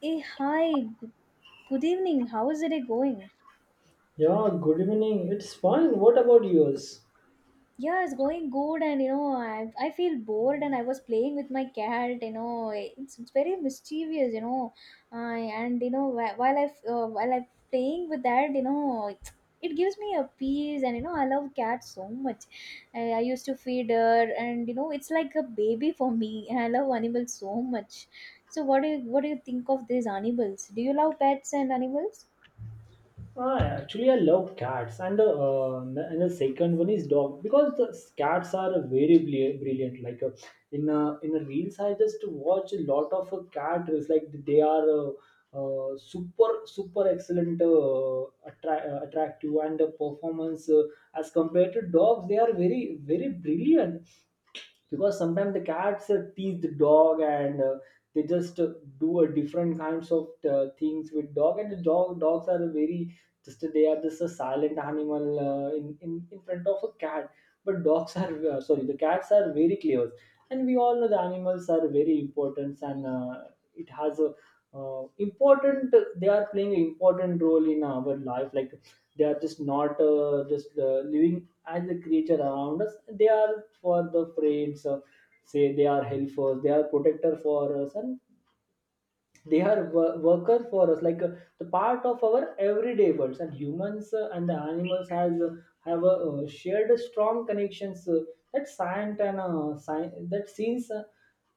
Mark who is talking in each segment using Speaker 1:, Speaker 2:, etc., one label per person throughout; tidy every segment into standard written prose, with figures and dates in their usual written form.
Speaker 1: Hey, hi. g- Good evening. How is the day going?
Speaker 2: Yeah, good evening. It's fine. What about yours?
Speaker 1: Yeah, it's going good, and I feel bored, and I was playing with my cat. You know, it's very mischievous. You know, I and you know wh- while I f- While I playing with that, it, it gives me a peace, and I love cats so much. I used to feed her, and it's like a baby for me. And I love animals so much. So, what do you think of these animals? Do you love pets and animals?
Speaker 2: Ah, actually, I love cats, and the second one is dog because the cats are very brilliant. Like in a reels, I just watch a lot of cat reels. Like they are super excellent, attractive, and the performance as compared to dogs, they are very brilliant. Because sometimes the cats tease the dog, and they just do a different kinds of things with dog, and the dogs are very, just they are just a silent animal, in front of a cat. But dogs are sorry, the cats are very clever. And we all know the animals are very important, and it has a important, they are playing an important role in our life. Like they are just not just living as a creature around us, they are for the friends, say they are helpers, they are protector for us, and they are worker for us, like the part of our everyday worlds. And humans, and the animals has have a shared strong connections, that science and science that since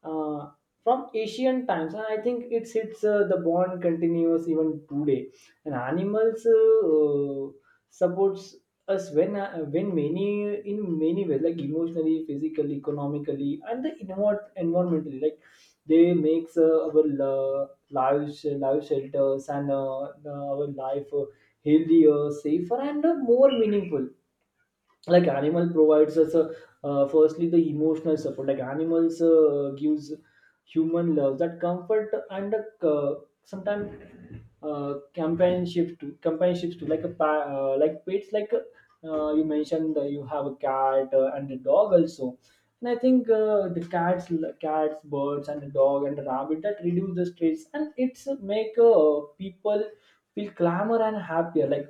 Speaker 2: uh, from ancient times. And I think it's the bond continues even today. And animals supports us when many, in many ways, like emotionally, physically, economically, and the environmentally. Like they makes our love, live live shelters, and our life healthier, safer, and more meaningful. Like animal provides us a, firstly the emotional support. Like animals gives human love, that comfort, and a, sometimes companionships to like a like pets, like you mentioned you have a cat and a dog also. And I think the cats, birds, and the dog, and the rabbit, that reduce the stress, and it's make people feel calmer and happier. Like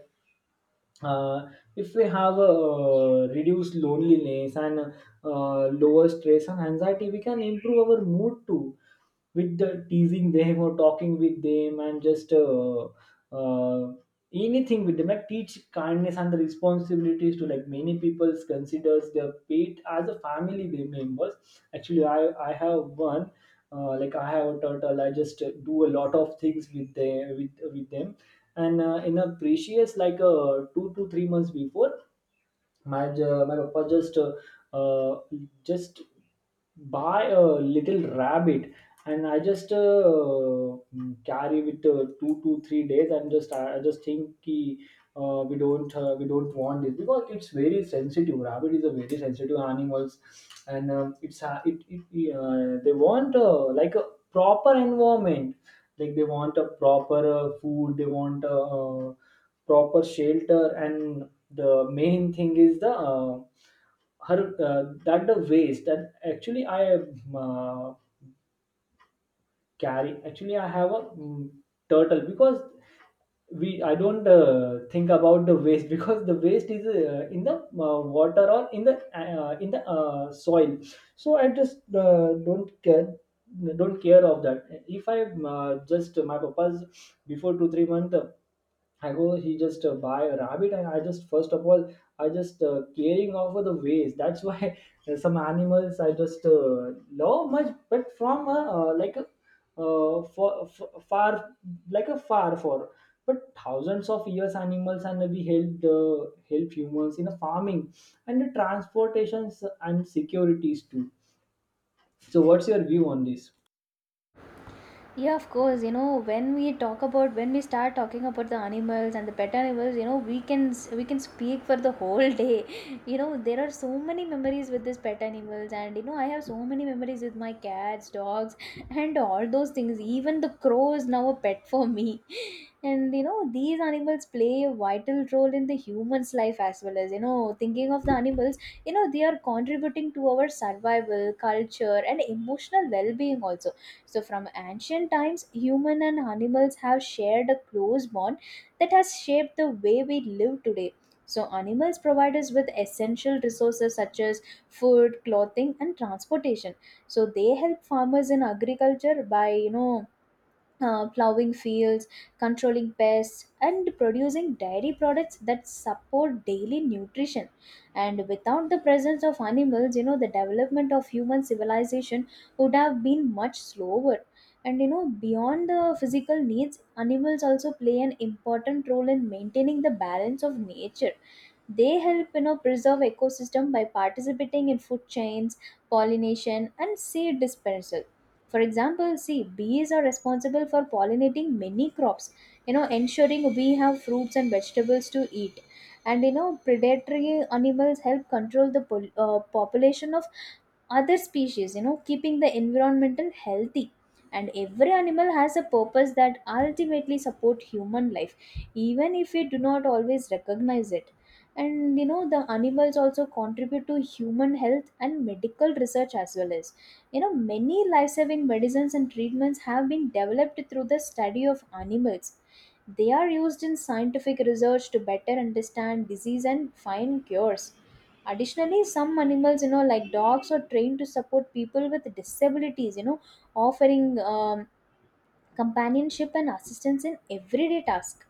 Speaker 2: uh, if we have a reduced loneliness and lower stress and anxiety, we can improve our mood too, with the teasing them or talking with them, and just uh, anything with them, like teach kindness and the responsibilities to. Like many people considers their pet as a family members. Actually, I have one, like I have a turtle, I just do a lot of things with them, with them. And in a previous, like 2 to 3 months before, my my papa uh, just buy a little rabbit, and I just carry with 2 to 3 days, and just I just think ki, we don't want this because it's very sensitive, rabbit is a very sensitive animals. And it's it, it they want like a proper environment. Like they want a proper food, they want a, proper shelter, and the main thing is the her, that the waste, that actually I uh, carry. Actually, I have a turtle because we I don't think about the waste because the waste is in the water or in the soil, so I just don't care of that. If I just my papa's, before 2 3 months, I go, he just buy a rabbit, and I just first of all, I just caring over the waste. That's why, some animals I just love much, but from a, like a far, like a but thousands of years animals, and we helped help humans in the farming, and the transportations, and securities too. So, what's your view on this?
Speaker 1: Yeah, of course. You know, when we talk about when we start talking about the animals and the pet animals, we can we can speak for the whole day. You know, there are so many memories with these pet animals, and I have so many memories with my cats, dogs, and all those things. Even the crow is now a pet for me. And these animals play a vital role in the human's life as well as thinking of the animals, they are contributing to our survival, culture, and emotional well-being also. So, from ancient times, human and animals have shared a close bond that has shaped the way we live today. So, animals provide us with essential resources such as food, clothing, and transportation. So, they help farmers in agriculture by, plowing fields, controlling pests, and producing dairy products that support daily nutrition. And without the presence of animals, the development of human civilization would have been much slower. And beyond the physical needs, animals also play an important role in maintaining the balance of nature. They help, preserve ecosystem by participating in food chains, pollination, and seed dispersal. For example, see, bees are responsible for pollinating many crops, ensuring we have fruits and vegetables to eat. And predatory animals help control the population of other species, keeping the environmental healthy. And every animal has a purpose that ultimately support human life, even if we do not always recognize it. And the animals also contribute to human health and medical research as well as. You know, many life saving medicines and treatments have been developed through the study of animals. They are used in scientific research to better understand disease and find cures. Additionally, some animals, like dogs, are trained to support people with disabilities, offering companionship, and assistance in everyday tasks.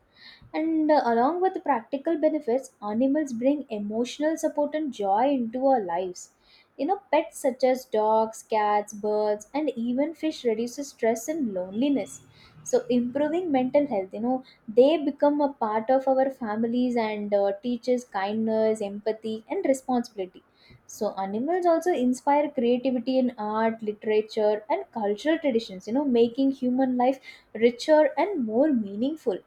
Speaker 1: And along with practical benefits, animals bring emotional support and joy into our lives. You know, pets such as dogs, cats, birds, and even fish reduces stress and loneliness. So, improving mental health, they become a part of our families and teaches kindness, empathy, and responsibility. So, animals also inspire creativity in art, literature, and cultural traditions, making human life richer and more meaningful.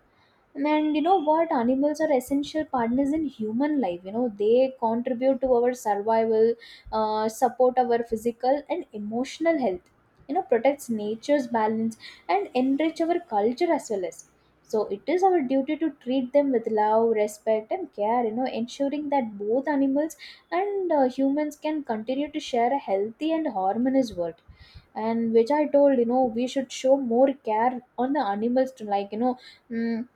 Speaker 1: And you know what animals are essential partners in human life. They contribute to our survival, support our physical and emotional health, protects nature's balance, and enrich our culture as well as. So it is our duty to treat them with love, respect, and care, ensuring that both animals and humans can continue to share a healthy and harmonious world. And which I told, we should show more care on the animals to, like, mm,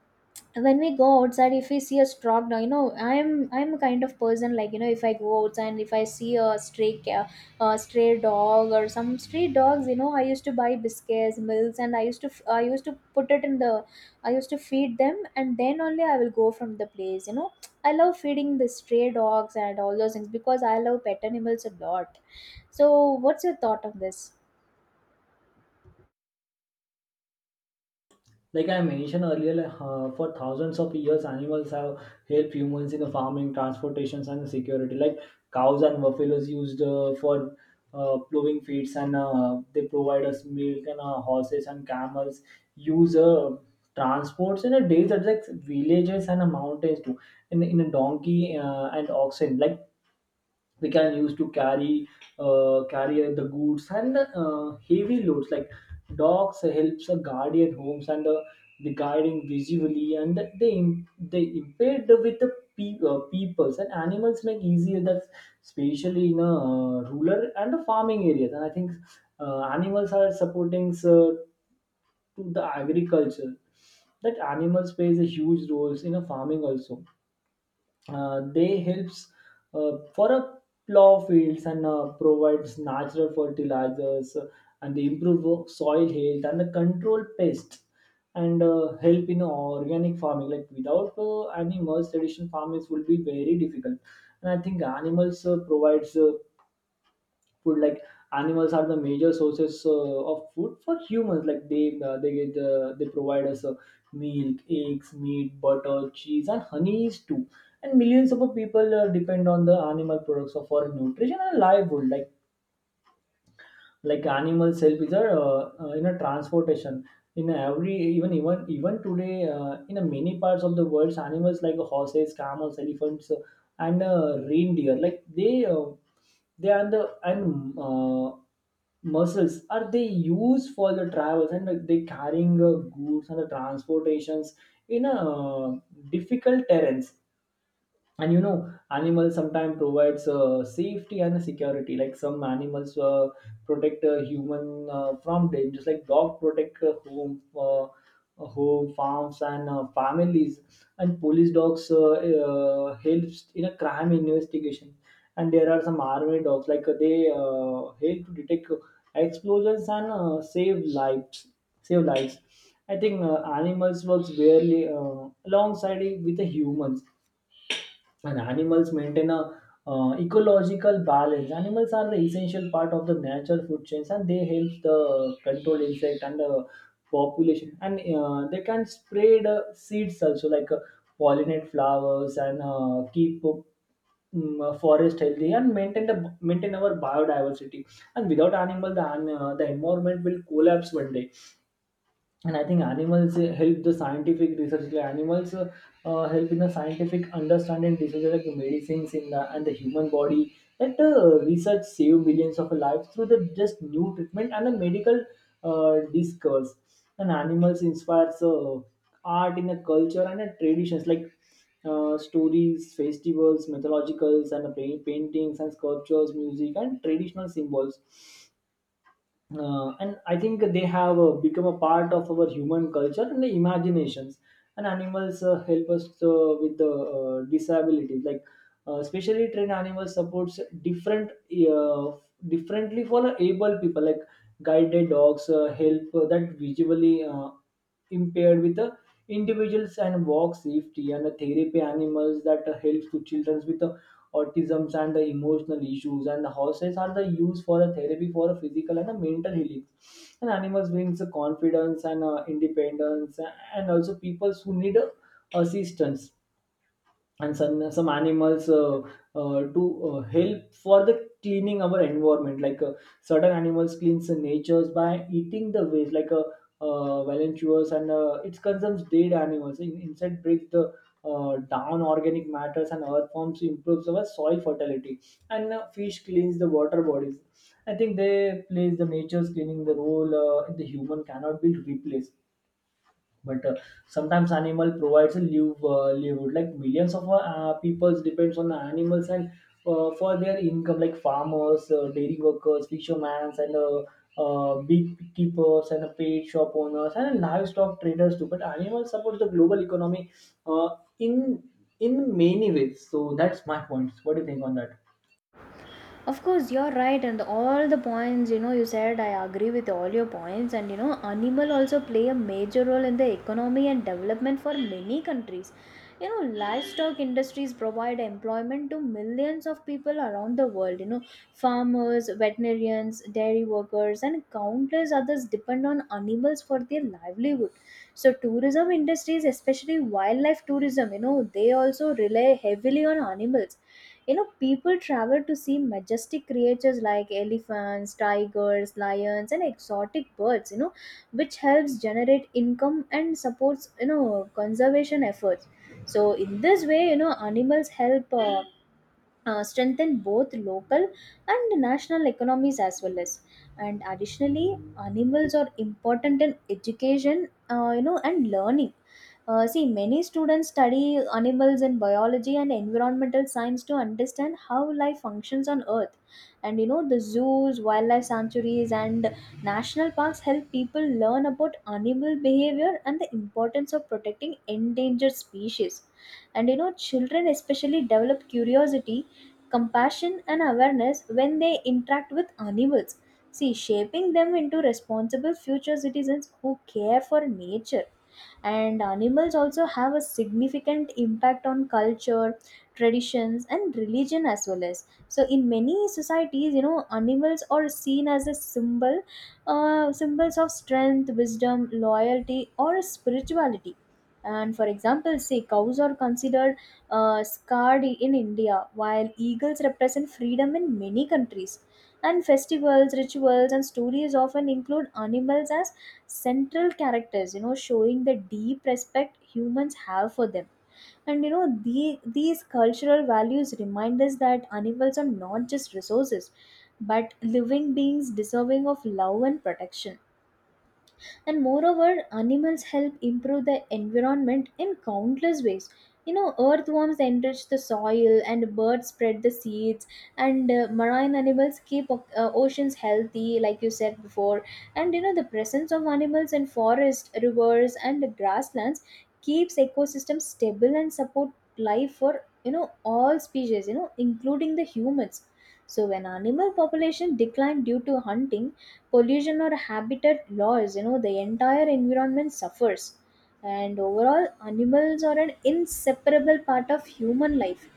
Speaker 1: when we go outside, if we see a straw dog. You know, I'm a kind of person, like, if I go outside and if I see a a stray dog or some stray dogs, I used to buy biscuits, milks, and I used to I used to put it in the, I used to feed them, and then only I will go from the place. I love feeding the stray dogs and all those things because I love pet animals a lot. So what's your thought on this?
Speaker 2: Like I mentioned earlier, like, for thousands of years, animals have helped humans in the farming, transportations, and security. Like cows and buffaloes used for plowing fields, and they provide us milk. And horses and camels use transports in a days, at like villages and mountains too. In a donkey and oxen, like we can use to carry carry the goods and heavy loads. Like dogs helps a guardian homes, and the guiding visually, and they they impaired with the peoples, and animals make easier that, especially in a rural and a farming areas. And I think animals are supporting to the agriculture, that animals plays a huge roles in a farming also, they helps for a plow fields, and provides natural fertilizers, and they improve soil health, and the control pests, and help in organic farming. Like without animals, traditional farming will be very difficult. And I think animals provides food. Like animals are the major sources of food for humans. Like they get they provide us milk, eggs, meat, butter, cheese, and honeys too. And millions of people depend on the animal products for nutrition and livelihood. Like animal self is a in a transportation. In every, even today, in a many parts of the world, animals like horses, camels, elephants, and reindeer, like they are the, and muscles are they used for the travels, and like, they carrying goods and the transportations in a difficult terrains. And you know, animals sometimes provides safety and security. Like some animals protect a human from dangers, like dog protect home, home, farms, and families. And police dogs helps in a crime investigation. And there are some army dogs, like they help to detect explosions, and save lives. I think animals works barely alongside with the humans. So, and animals maintain a ecological balance. Animals are the essential part of the natural food chains, and they help the control insect and the population. And they can spread seeds also, like pollinate flowers, and keep forest healthy, and maintain our biodiversity. And without animal, the the environment will collapse one day. And I think animals help the scientific research. Like animals help in the scientific understanding diseases, like medicines in the and the human body, that research save millions of lives through the just new treatment and a medical discourse. And animals inspires art in the culture and the traditions, like stories, festivals, mythologicals, and the paintings and sculptures, music, and traditional symbols. And I think they have become a part of our human culture and the imaginations. And animals help us with the disabilities. Like specially trained animal supports different uh, differently for able people. Like guided dogs help that visually impaired with the individuals, and walk safety. And the therapy animals that helps to children with the autisms and the emotional issues, and the horses are the use for a therapy for a physical and a mental healing. And animals brings the confidence and independence, and also peoples who need assistance. And some animals do help for the cleaning our environment. Like certain animals cleans the natures by eating the waste, like volunteers, and it consumes dead animals. Insect breaks the down organic matters, and earth forms improves our soil fertility, and fish cleans the water bodies. I think they plays the nature's cleaning the role, the human cannot be replaced. But sometimes animal provides a livelihood. Like millions of peoples depends on animals and for their income, like farmers, dairy workers, fishermen, and big keepers, and paid shop owners, and livestock traders too. But animals support the global economy, uh, in in many ways. So that's my point. What do you think on that?
Speaker 1: Of course, you're right, and all the points you said, I agree with all your points. And animal also play a major role in the economy and development for many countries. You know, livestock industries provide employment to millions of people around the world. You know, farmers, veterinarians, dairy workers, and countless others depend on animals for their livelihood. So, tourism industries, especially wildlife tourism, they also rely heavily on animals. People travel to see majestic creatures like elephants, tigers, lions, and exotic birds, which helps generate income and supports, conservation efforts. So, in this way, animals help. Strengthen both local and national economies as well as. And additionally, animals are important in education and learning. See, many students study animals in biology and environmental science to understand how life functions on earth. And the zoos, wildlife sanctuaries, and national parks help people learn about animal behavior and the importance of protecting endangered species. And children especially develop curiosity, compassion, and awareness when they interact with animals. See, shaping them into responsible future citizens who care for nature. And animals also have a significant impact on culture, traditions, and religion as well as. So in many societies, animals are seen as a symbols of strength, wisdom, loyalty, or spirituality. And for example, say cows are considered scarred in India, while eagles represent freedom in many countries. And festivals, rituals, and stories often include animals as central characters, showing the deep respect humans have for them. And these cultural values remind us that animals are not just resources, but living beings deserving of love and protection. And moreover, animals help improve the environment in countless ways. You know, earthworms enrich the soil and birds spread the seeds. And marine animals keep oceans healthy, like you said before. And the presence of animals in forests, rivers, and grasslands keeps ecosystems stable and support life for, you know all species, including the humans. So when animal population decline due to hunting, pollution, or habitat loss, the entire environment suffers. And overall, animals are an inseparable part of human life.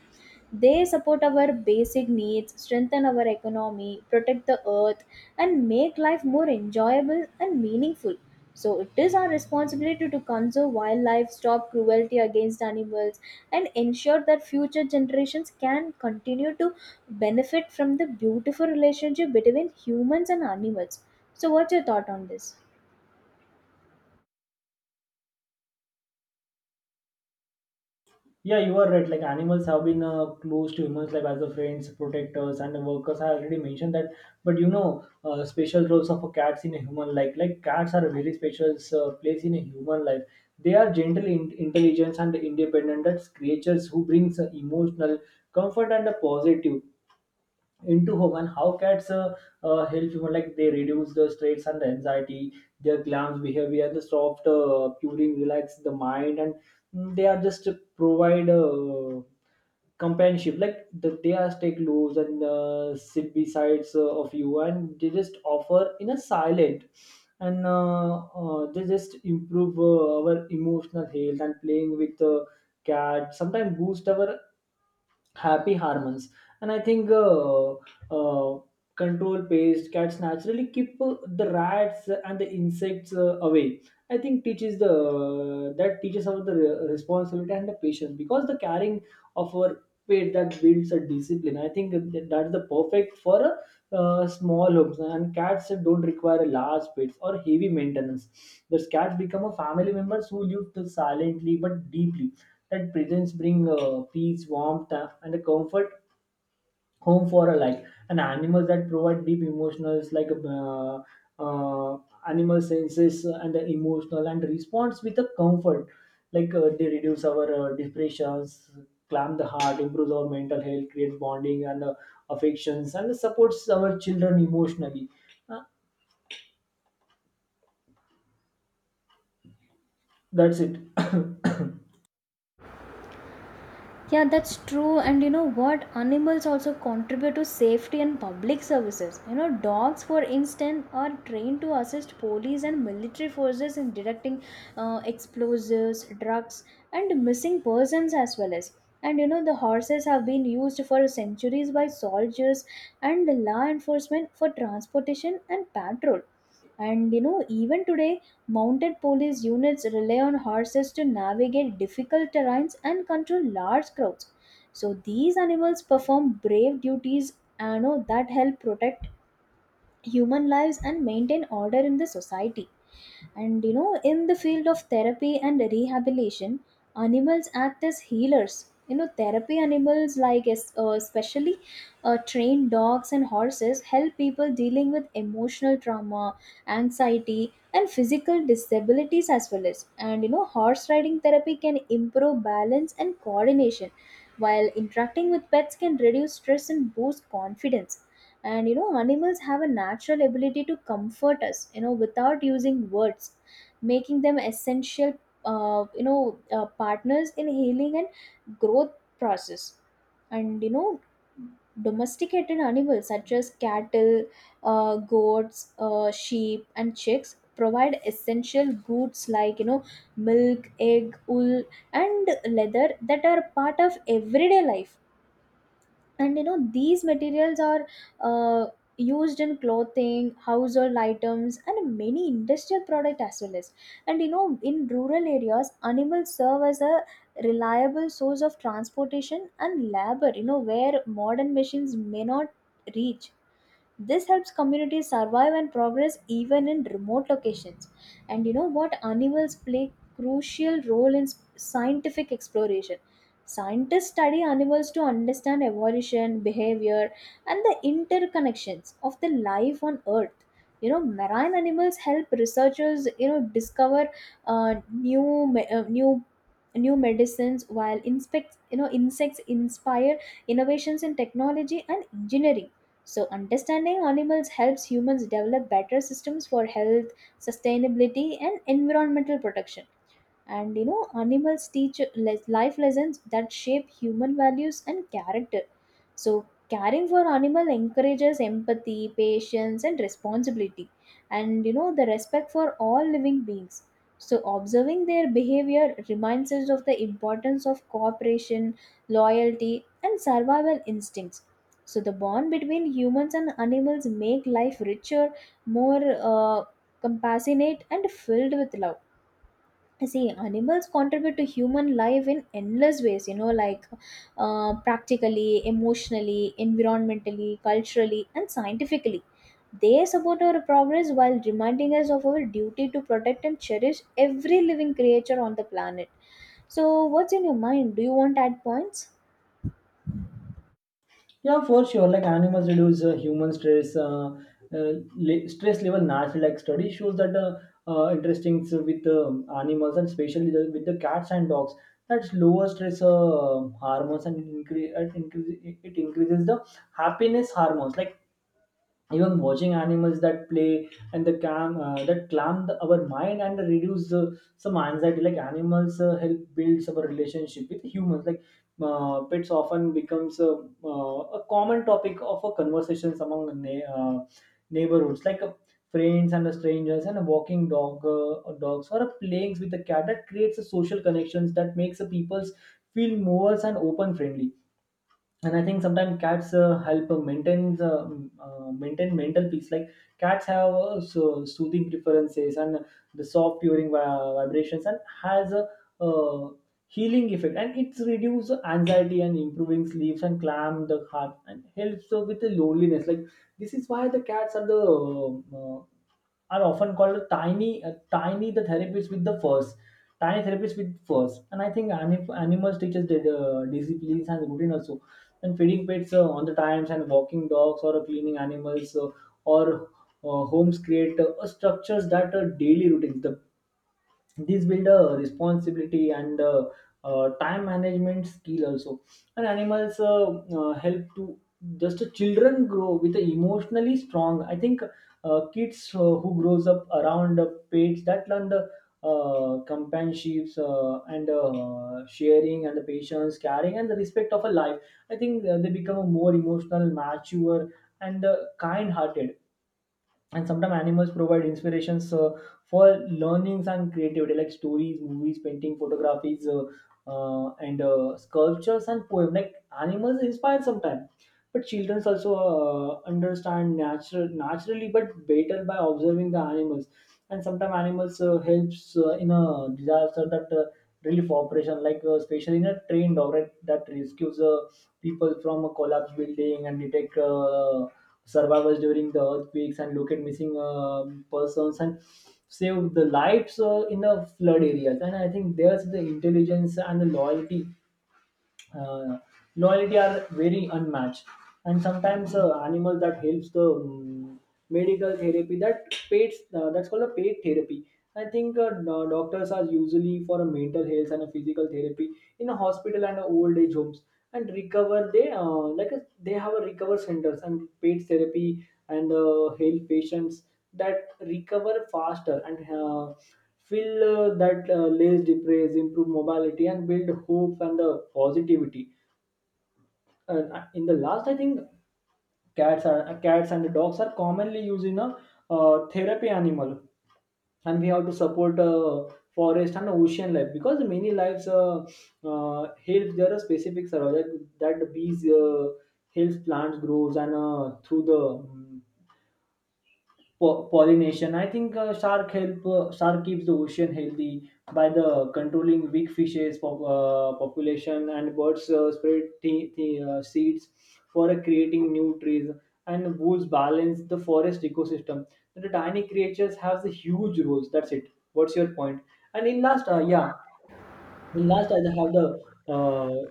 Speaker 1: They support our basic needs, strengthen our economy, protect the earth, and make life more enjoyable and meaningful. So, it is our responsibility to conserve wildlife, stop cruelty against animals, and ensure that future generations can continue to benefit from the beautiful relationship between humans and animals. So, what's your thought on this?
Speaker 2: Yeah, you are right. Like animals have been close to humans, like as the friends, protectors, and workers. I already mentioned that. But you know, special roles of a cats in a human life. Like cats are a very special place in a human life. They are gentle, intelligent, and independent. That's creatures who brings emotional comfort and a positive into home and how cats help human like they reduce the stress and the anxiety, their glance behavior, the soft curing relax the mind and they are just provide companionship like they are take loose and sit besides of you and they just offer in a silent and they just improve our emotional health, and playing with cat sometimes boost our happy hormones. And I think uh, control pest, cats naturally keep the rats and the insects away. I think teaches the, that teaches about the responsibility and the patience, because the caring of our pet that builds a discipline. I think that's the perfect for a small homes, and cats don't require a large pets or heavy maintenance. The cats become a family members who live silently but deeply. That presence bring peace, warmth, and a comfort home for a life. And animals that provide deep emotionals like uh, animal senses and the emotional and response with a comfort. Like they reduce our depressions, calm the heart, improves our mental health, creates bonding and affections, and supports our children emotionally. Uh, that's it.
Speaker 1: Yeah, that's true. And you know what? Animals also contribute to safety and public services. You know, dogs, for instance, are trained to assist police and military forces in detecting explosives, drugs, and missing persons as well as. And the horses have been used for centuries by soldiers and the law enforcement for transportation and patrol. And even today, mounted police units rely on horses to navigate difficult terrains and control large crowds. So these animals perform brave duties and, that help protect human lives and maintain order in the society. And in the field of therapy and rehabilitation, animals act as healers. You know, therapy animals, like especially trained dogs and horses, help people dealing with emotional trauma, anxiety, and physical disabilities as well as. And horse riding therapy can improve balance and coordination, while interacting with pets can reduce stress and boost confidence. And animals have a natural ability to comfort us, without using words, making them essential, partners in healing and growth process. And domesticated animals such as cattle, goats, sheep, and chicks provide essential goods like, milk, egg, wool, and leather that are part of everyday life. And these materials are uh, used in clothing, household items, and many industrial products as well as. And in rural areas, animals serve as a reliable source of transportation and labor, where modern machines may not reach. This helps communities survive and progress even in remote locations. And you know what? Animals play crucial role in scientific exploration. Scientists study animals to understand evolution, behavior, and the interconnections of the life on Earth. You know, marine animals help researchers, you know, discover new me- new new medicines while inspect you know insects inspire innovations in technology and engineering. So, understanding animals helps humans develop better systems for health, sustainability, and environmental protection. And you know, animals teach life lessons that shape human values and character. So, caring for animal encourages empathy, patience, and responsibility, and you know, the respect for all living beings. So, observing their behavior reminds us of the importance of cooperation, loyalty, and survival instincts. So, the bond between humans and animals make life richer, more uh, compassionate, and filled with love. See, animals contribute to human life in endless ways, you know, like practically, emotionally, environmentally, culturally, and scientifically. They support our progress while reminding us of our duty to protect and cherish every living creature on the planet. So, what's in your mind? Do you want to add points?
Speaker 2: Yeah, for sure. Like animals reduce human stress. Stress level naturally. Like study shows that interesting so with animals, and especially with the cats and dogs. That's lower stress hormones and increase, it increases the happiness hormones. Like even watching animals that play and the cam that calm our mind and reduce some anxiety. Like animals help build our relationship with humans, like pets often becomes a common topic of a conversations among neighborhoods, like friends and the strangers, and a walking dog or dogs, or a playing with a cat, that creates a social connections that makes the peoples feel more and open friendly. And I think sometimes cats help maintain the maintain mental peace. Like cats have so soothing preferences, and the soft purring vibrations and has a uh, healing effect, and it's reduce anxiety and improving sleeps and calm the heart and helps with the loneliness. Like this is why the cats are the are often called tiny the therapists with the furs, tiny therapists with furs. And I think animals teaches the disciplines and routine also, and feeding pets on the times, and walking dogs or cleaning animals or homes, create structures that are daily routines. The, these build a responsibility and time management skill also. And animals help to just children grow with a emotionally strong. I think kids who grows up around pets, that learn the companionships and sharing and the patience, caring and the respect of a life. I think they become a more emotional mature and kind hearted. And sometimes animals provide inspirations for learnings and creativity, like stories, movies, painting, photographies and sculptures and poems. Like animals inspire sometimes, but children also understand naturally but better by observing the animals. And sometimes animals helps in a disaster, that relief operation, like especially in a trained dog, right, that rescues a people from a collapsed building and detect survivors during the earthquakes and locate missing persons and save the lives in the flood areas. And I think there's the intelligence and the uh, loyalty are very unmatched. And sometimes animal that helps the medical therapy, that paid that's called a paid therapy. I think doctors are usually for a mental health and a physical therapy in a hospital and a old age homes, and recover they they have a recover centers and paid therapy and help patients that recover faster and fill that lays depraise, improve mobility, and build hope and the positivity. In the last, I think cats are cats and dogs are commonly used in a therapy animal, and we have to support forest and ocean life, because many lives help. There are specific survival that, that bees helps plants grows and through the pollination. I think shark keeps the ocean healthy by the controlling weak fishes population, and birds spread seeds for creating new trees, and wolves balance the forest ecosystem. The tiny creatures have the huge roles. That's it. What's your point? And in last, and last, I have the uh,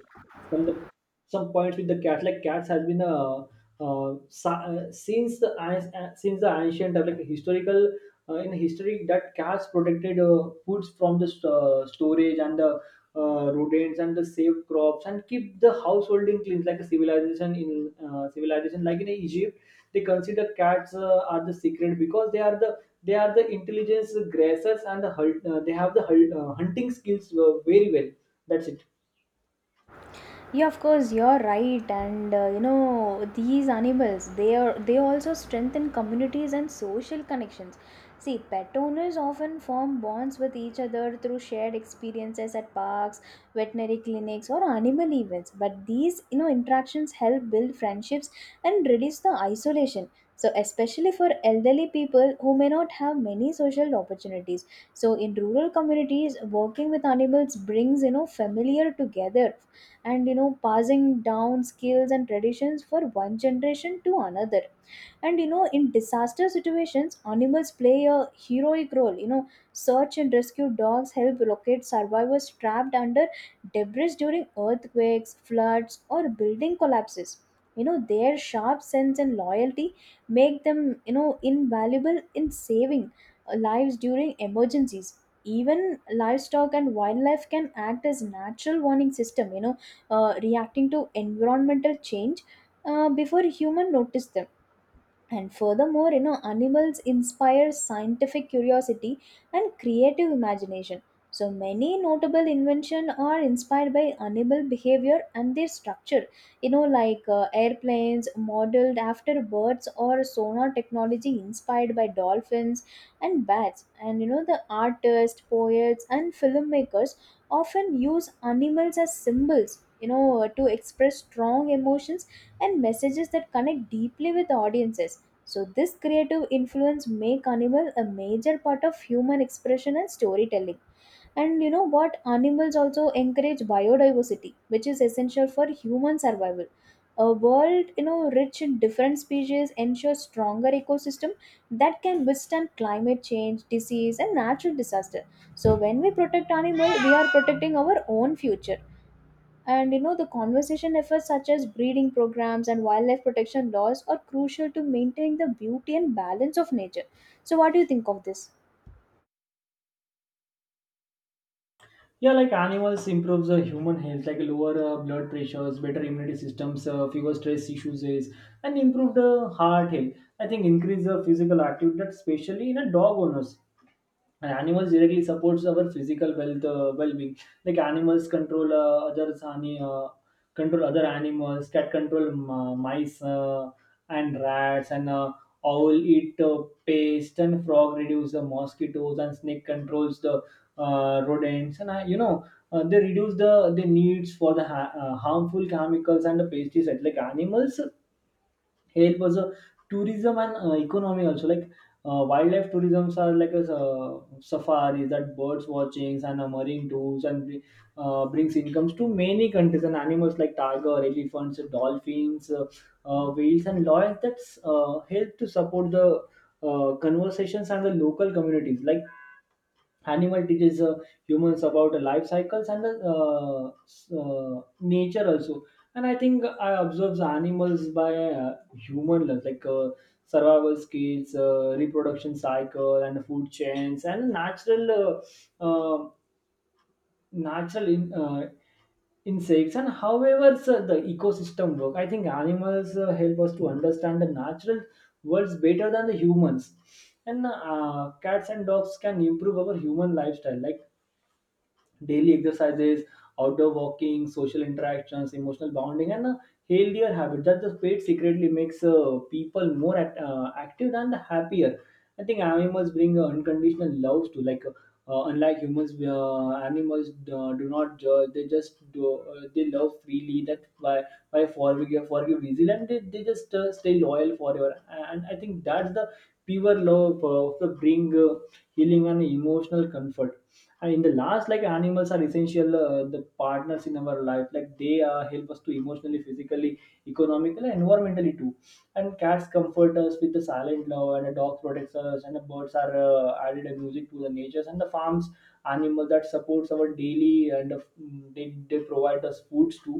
Speaker 2: from the some points with the cat. Like cats has been since since the ancient like historical in history, that cats protected foods from the storage and the rodents, and the saved crops and keep the householding clean, like a civilization in civilization like in Egypt. They consider cats are the secret, because they are they are the intelligence gracers, and they have the hunting skills very well. That's it.
Speaker 1: Yeah, of course you're right. And you know, these animals, they are, they also strengthen communities and social connections. See, pet owners often form bonds with each other through shared experiences at parks, veterinary clinics, or animal events. But these, you know, interactions help build friendships and reduce the isolation, so especially for elderly people who may not have many social opportunities. So in rural communities, working with animals brings, you know, familiar together, and you know, passing down skills and traditions for one generation to another. And you know, in disaster situations, animals play a heroic role. You know, search and rescue dogs help locate survivors trapped under debris during earthquakes, floods, or building collapses. You know, their sharp sense and loyalty make them, you know, invaluable in saving lives during emergencies. Even livestock and wildlife can act as natural warning system, you know, reacting to environmental change before human notice them. And furthermore, you know, animals inspire scientific curiosity and creative imagination. So many notable inventions are inspired by animal behavior and their structure. You know, like airplanes modeled after birds, or sonar technology inspired by dolphins and bats. And you know, the artists, poets, and filmmakers often use animals as symbols, you know, to express strong emotions and messages that connect deeply with audiences. So, this creative influence make animal a major part of human expression and storytelling. And you know what? Animals also encourage biodiversity, which is essential for human survival. A world, you know, rich in different species ensures stronger ecosystem that can withstand climate change, disease, and natural disaster. So, when we protect animal, we are protecting our own future. And you know, the conservation efforts such as breeding programs and wildlife protection laws are crucial to maintaining the beauty and balance of nature. So, what do you think of this?
Speaker 2: Yeah, like animals improves human health, like lower blood pressures, better immunity systems, fewer stress issues, is, and improved heart health. I think increase physical activity, especially in a dog owners. And animals directly supports our physical well-being. Like animals control control other animals. Cat control mice and rats, and owl eat pest, and frog reduce the mosquitoes, and snake controls the rodents. And you know they reduce the needs for the harmful chemicals and the pesticides. Like animals help as a tourism and economy also, like wildlife tourisms are like a safaris, that birds watchings and marine tours, and brings incomes to many countries. And animals like tiger, elephants, dolphins, whales and lions, that's help to support the conversations and the local communities. Like animal teaches humans about life cycles and the nature also. And I think I observe the animals by human lens, like survival skills, reproduction cycle, and food chains, and natural uh, uh, natural in, uh, insects, and however sir, the ecosystem work. I think animals help us to understand the natural worlds better than the humans. And cats and dogs can improve our human lifestyle, like daily exercises, outdoor walking, social interactions, emotional bonding, and a healthier habit, that the pet secretly makes people more active and happier. I think animals bring unconditional love to like. Unlike humans, animals do not judge. They just do. They love freely. That why forgive easily, and they just stay loyal forever. And I think that's the pure love of the bring healing and emotional comfort. And in the last, like animals are essential the partners in our life, like they help us to emotionally, physically, economically, and environmentally too. And cats comfort us with the silent love, and a dog protects us, and the birds are added a music to the natures and the farms. Animal that supports our daily and they provide us foods too.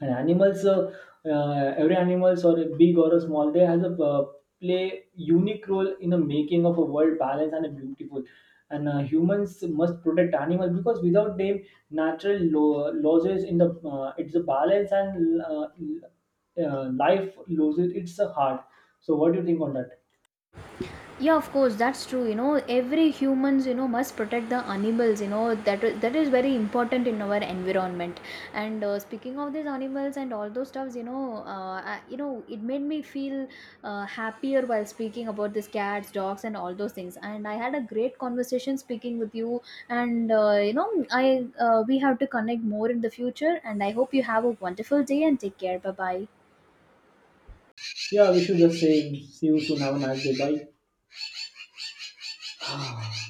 Speaker 2: And animals every animals, or a big or a small, they has a play unique role in the making of a world balanced and beautiful. And humans must protect animals, because without them natural losses in the it's a balance, and life loses its a heart. So what do you think on that?
Speaker 1: Yeah, of course, that's true. You know, every humans, you know, must protect the animals, you know, that is very important in our environment. And speaking of these animals and all those stuffs, you know, you know, it made me feel happier while speaking about these cats, dogs, and all those things. And I had a great conversation speaking with you. And you know, I we have to connect more in the future, and I hope you have a wonderful day and take care. Bye bye.
Speaker 2: Yeah, we should just say see you soon, have a nice day, bye.